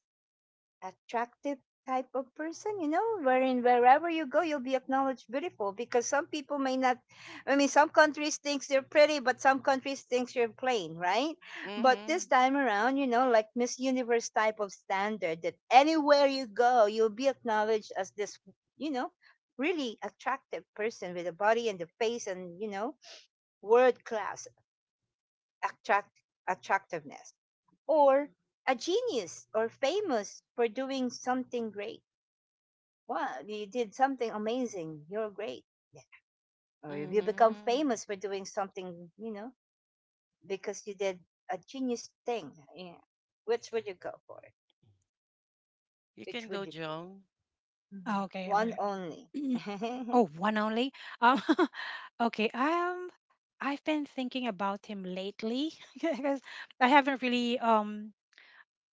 attractive type of person, wherein wherever you go, you'll be acknowledged beautiful because some people may not, I mean, some countries thinks you're pretty, but some countries thinks you're plain, right? But this Mhm. time around, like Miss Universe type of standard that anywhere you go, you'll be acknowledged as this, you know, really attractive person with a body and the face and, world class attract attractiveness or a genius or famous for doing something great, well, you did something amazing. You're great. Yeah. Or if you become Mhm. famous for doing something, because you did a genius thing. Yeah. Which would you go for? You Which can would go, you Joan. do? Mm-hmm. Oh, okay, all One right. only. (laughs) (clears throat) Hmm. Oh, one only. Um, (laughs) okay. I've been thinking about him lately (laughs) because I haven't really um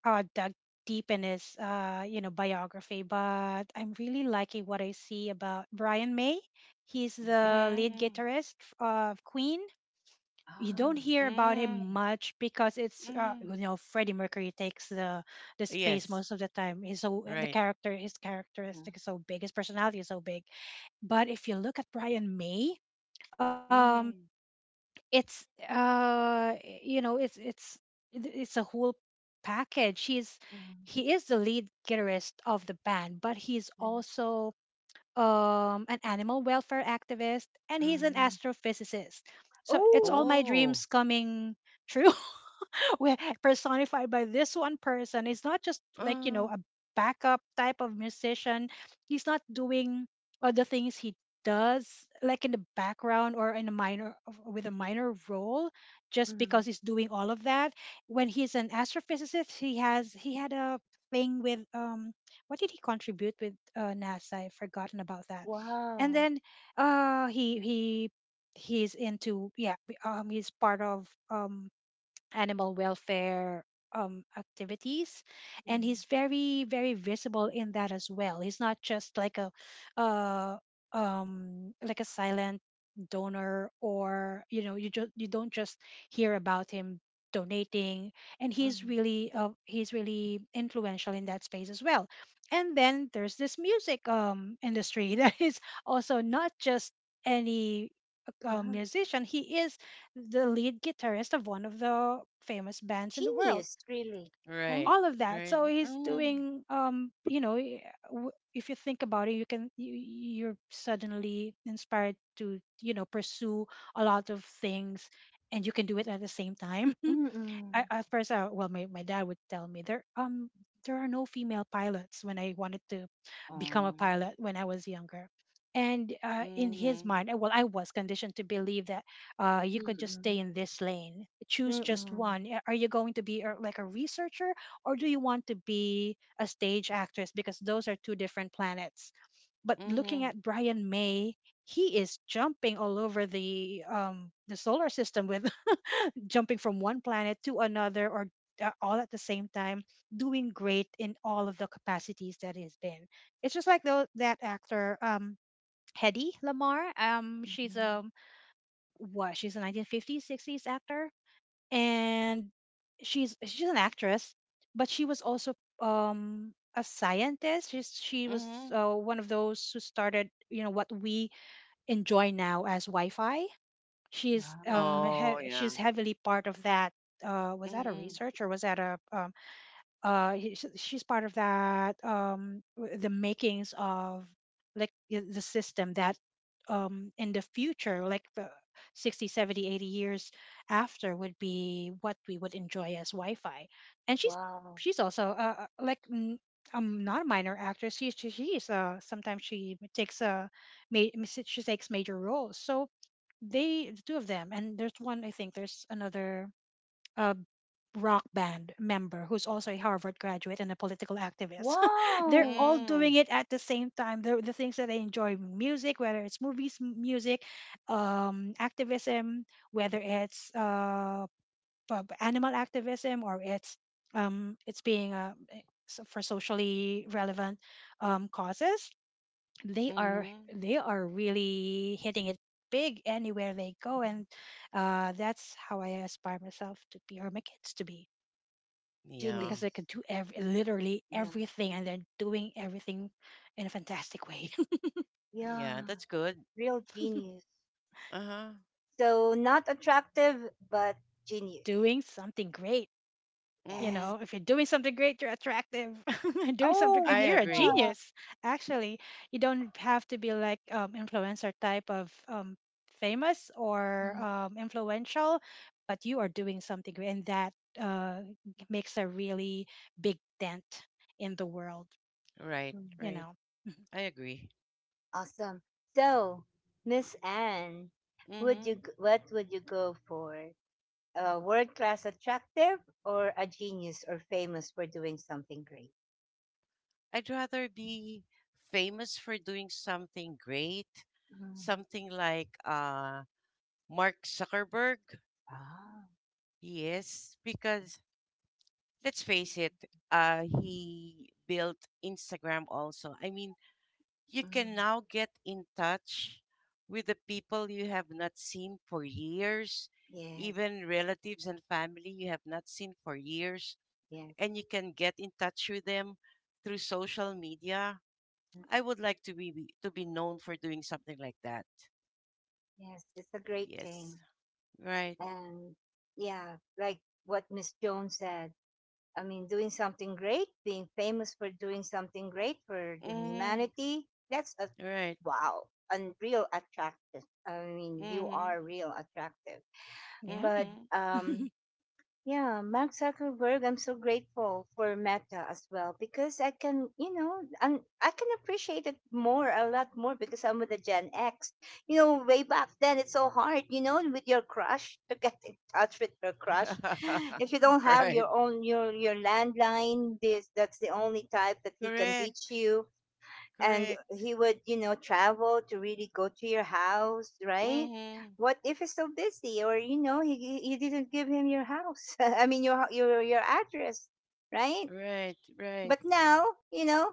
uh, dug deep in his biography, but I'm really liking what I see about Brian May. He's the lead Mhm. guitarist of Queen. You don't Ah. hear about him Mhm. much because it's Mhm. Freddie Mercury takes the space Yes. most of the time. He's so eh, the Right. character His Mhm, characteristic is so big, his personality is so big. But if you look at Brian May, um, Mhm. it's uh you know it's it's it's a whole package. Mhm, He is the lead guitarist of the band, but he's also an animal welfare activist, and mhm, he's an mhm, astrophysicist, so it's all oh, my Oh. dreams coming true, (laughs) we- personified by this one person. It's not just like, Uh. a backup type of musician. He's not doing other things. He does, like, in the background, or in a minor with a minor role, just because mhm. he's doing all of that. When he's an astrophysicist, he had a thing with, what did he contribute with, nasa. I've forgotten about that. And Wow. then uh he he he's into, he's part of, animal welfare activities. And Mhm, he's very, very visible in that as well. He's not just like uh, like a silent donor, or you don't just hear about him donating. And he's mhm, really uh, he's really influential in that space as well. And then there's this music, industry, (laughs) that is also not just any, yeah. musician. He is the lead guitarist of one of the famous bands in the world. Genius, really. Right? Right. All of that. Right. So he's Mhm. doing, if you think about it, you you're suddenly inspired to, pursue a lot of things, and you can do it at the same time. (laughs) I, Mm-mm. at first, well, my dad would tell me, there are no female pilots, when I wanted to become a Oh. pilot when I was younger, and in his Mhm. mind, well, I was conditioned to believe that, Mm. you could just stay Mm-mm. in this lane, choose just Mm-mm. one. Are you going to be, like, a researcher, or do you want to be a stage actress? Because those are two different planets. But looking Mhm. at Brian May, he is jumping all over the solar system, with (laughs) jumping from one planet to another, or all at the same time, doing great in all of the capacities that he's been. It's just like though that actor, Hedy Lamarr. She's Mhm. a what? She's a 1950s, 60s actor, and she's an actress, but she was also a scientist. She was Mhm. One of those who started, what we enjoy now as Wi-Fi. She's um Yeah. Oh, he- yeah. she's heavily part of that. Was that a Mhm. research, or was that a she's part of that, the makings of, the system that, in the future, like, the 60 70 80 years after would be what we would enjoy as Wi-Fi. And she's Wow. she's also, like, not a minor actress. She she's Sometimes ma- she takes major roles. So the two of them, and there's one, I think, there's another, a rock band member who's also a Harvard graduate and a political activist. (laughs) They're Wow. all doing Mhm. it at the same time. The things that they enjoy, music, whether it's movies, music, activism, whether it's animal activism, or it's, being for socially relevant, causes, they are Mhm. Really hitting it big anywhere they go. And that's how I aspire myself to be, or my kids to be, Yeah. because Genius. they can do literally Yeah. everything, and they're doing everything in a fantastic way. Yeah. Yeah. That's good. Real genius. Uh huh. So not attractive, but (laughs) genius. Doing something great. You Yes. Mhm. know, if you're doing something great, you're attractive. (laughs) Doing something Oh, I great, yeah. you're a agree. genius. Actually, you don't have to be like, influencer type of, famous, or, Mhm. Influential, but you are doing something great, and that, uh, makes a really big dent in the world. Right. Mm. You Right. know. Mhm. I agree. Awesome. So, Miss Anne, would you Mm-hmm. What would you go for? A world class attractive or a genius or famous for doing something great? I'd rather be famous for doing something great, Mhm. something like Mark Zuckerberg. Ah, Yes, because let's face it, he built Instagram also. I mean, you can mhm. now get in touch with the people you have not seen for years, Yes, even relatives and family you have not seen for years, yes, and you can get in touch with them through social media. mm, I would like to to be known for doing something like that. yes. It's a great Yes. thing. Right. And yeah, like what Miss Jones said, I mean, doing something great, being famous for doing something great for the Mm, humanity, that's a, right. wow, unreal attractive. I mean, you Mm-hmm. are real attractive. Yeah. But Mm-hmm. (laughs) um, yeah, Mark Zuckerberg, I'm so grateful for Meta as well because I can, and I can appreciate it more, a lot more because I'm with the Gen X. Way back then it's so hard, with your crush to get in (laughs) touch with your crush. (laughs) If you don't have Right. your own your landline, this that's the only type that he can Correct. reach you, and Correct. he would travel to really go to your house, right? Mm-hmm. What if he's so busy, or you didn't give him your house, (laughs) I mean your address, right? Right. Right. But now, you know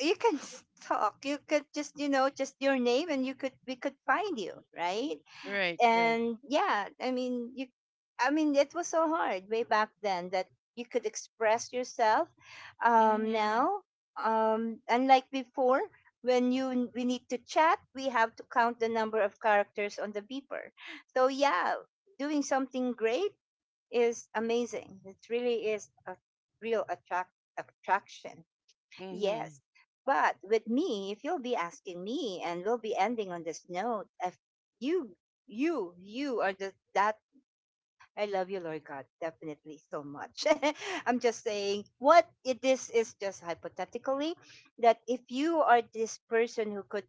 you can (laughs) talk, you could just your name and you could we could find you, right? Right. Right. And yeah, I mean, I mean, it was so hard way back then that you could express yourself. Um, Mm-hmm. now, unlike before, when we need to chat, we have to count the number of characters on the beeper. So yeah, doing something great is amazing. It really is a real attraction. Mm-hmm. Yes. But with me, if you'll be asking me, and we'll be ending on this note, if you, you are just that, I love you, Lord God, definitely so much. (laughs) I'm just saying this is just hypothetically that if you are this person who could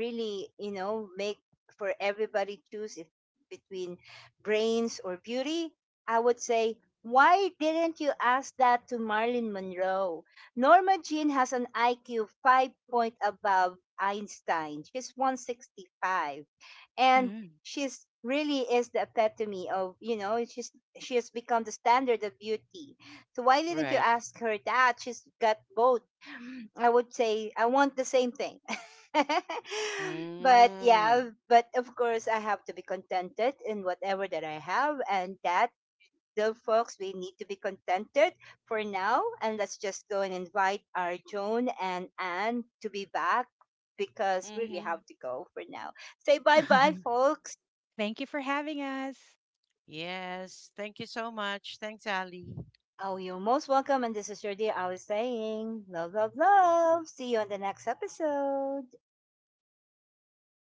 really, make for everybody choose, if between brains or beauty, I would say, why didn't you ask that to Marilyn Monroe? Norma Jean has an IQ 5 point above Einstein. She's 165. And Mhm. she's really is the epitome of, she has become the standard of beauty. So why didn't you Right. ask her that? She's got both. I would say I want the same thing. (laughs) But Mm-hmm. yeah, but of course, I have to be contented in whatever that I have, and that, the folks, we need to be contented for now. And let's just go and invite our Joan and Anne to be back because we really Mm-hmm. have to go for now. Say bye bye, folks. (laughs) Thank you for having us. Yes. Thank you so much. Thanks, Ali. Oh, you're most welcome. And this is your dear Ali saying, love, love, love. See you on the next episode.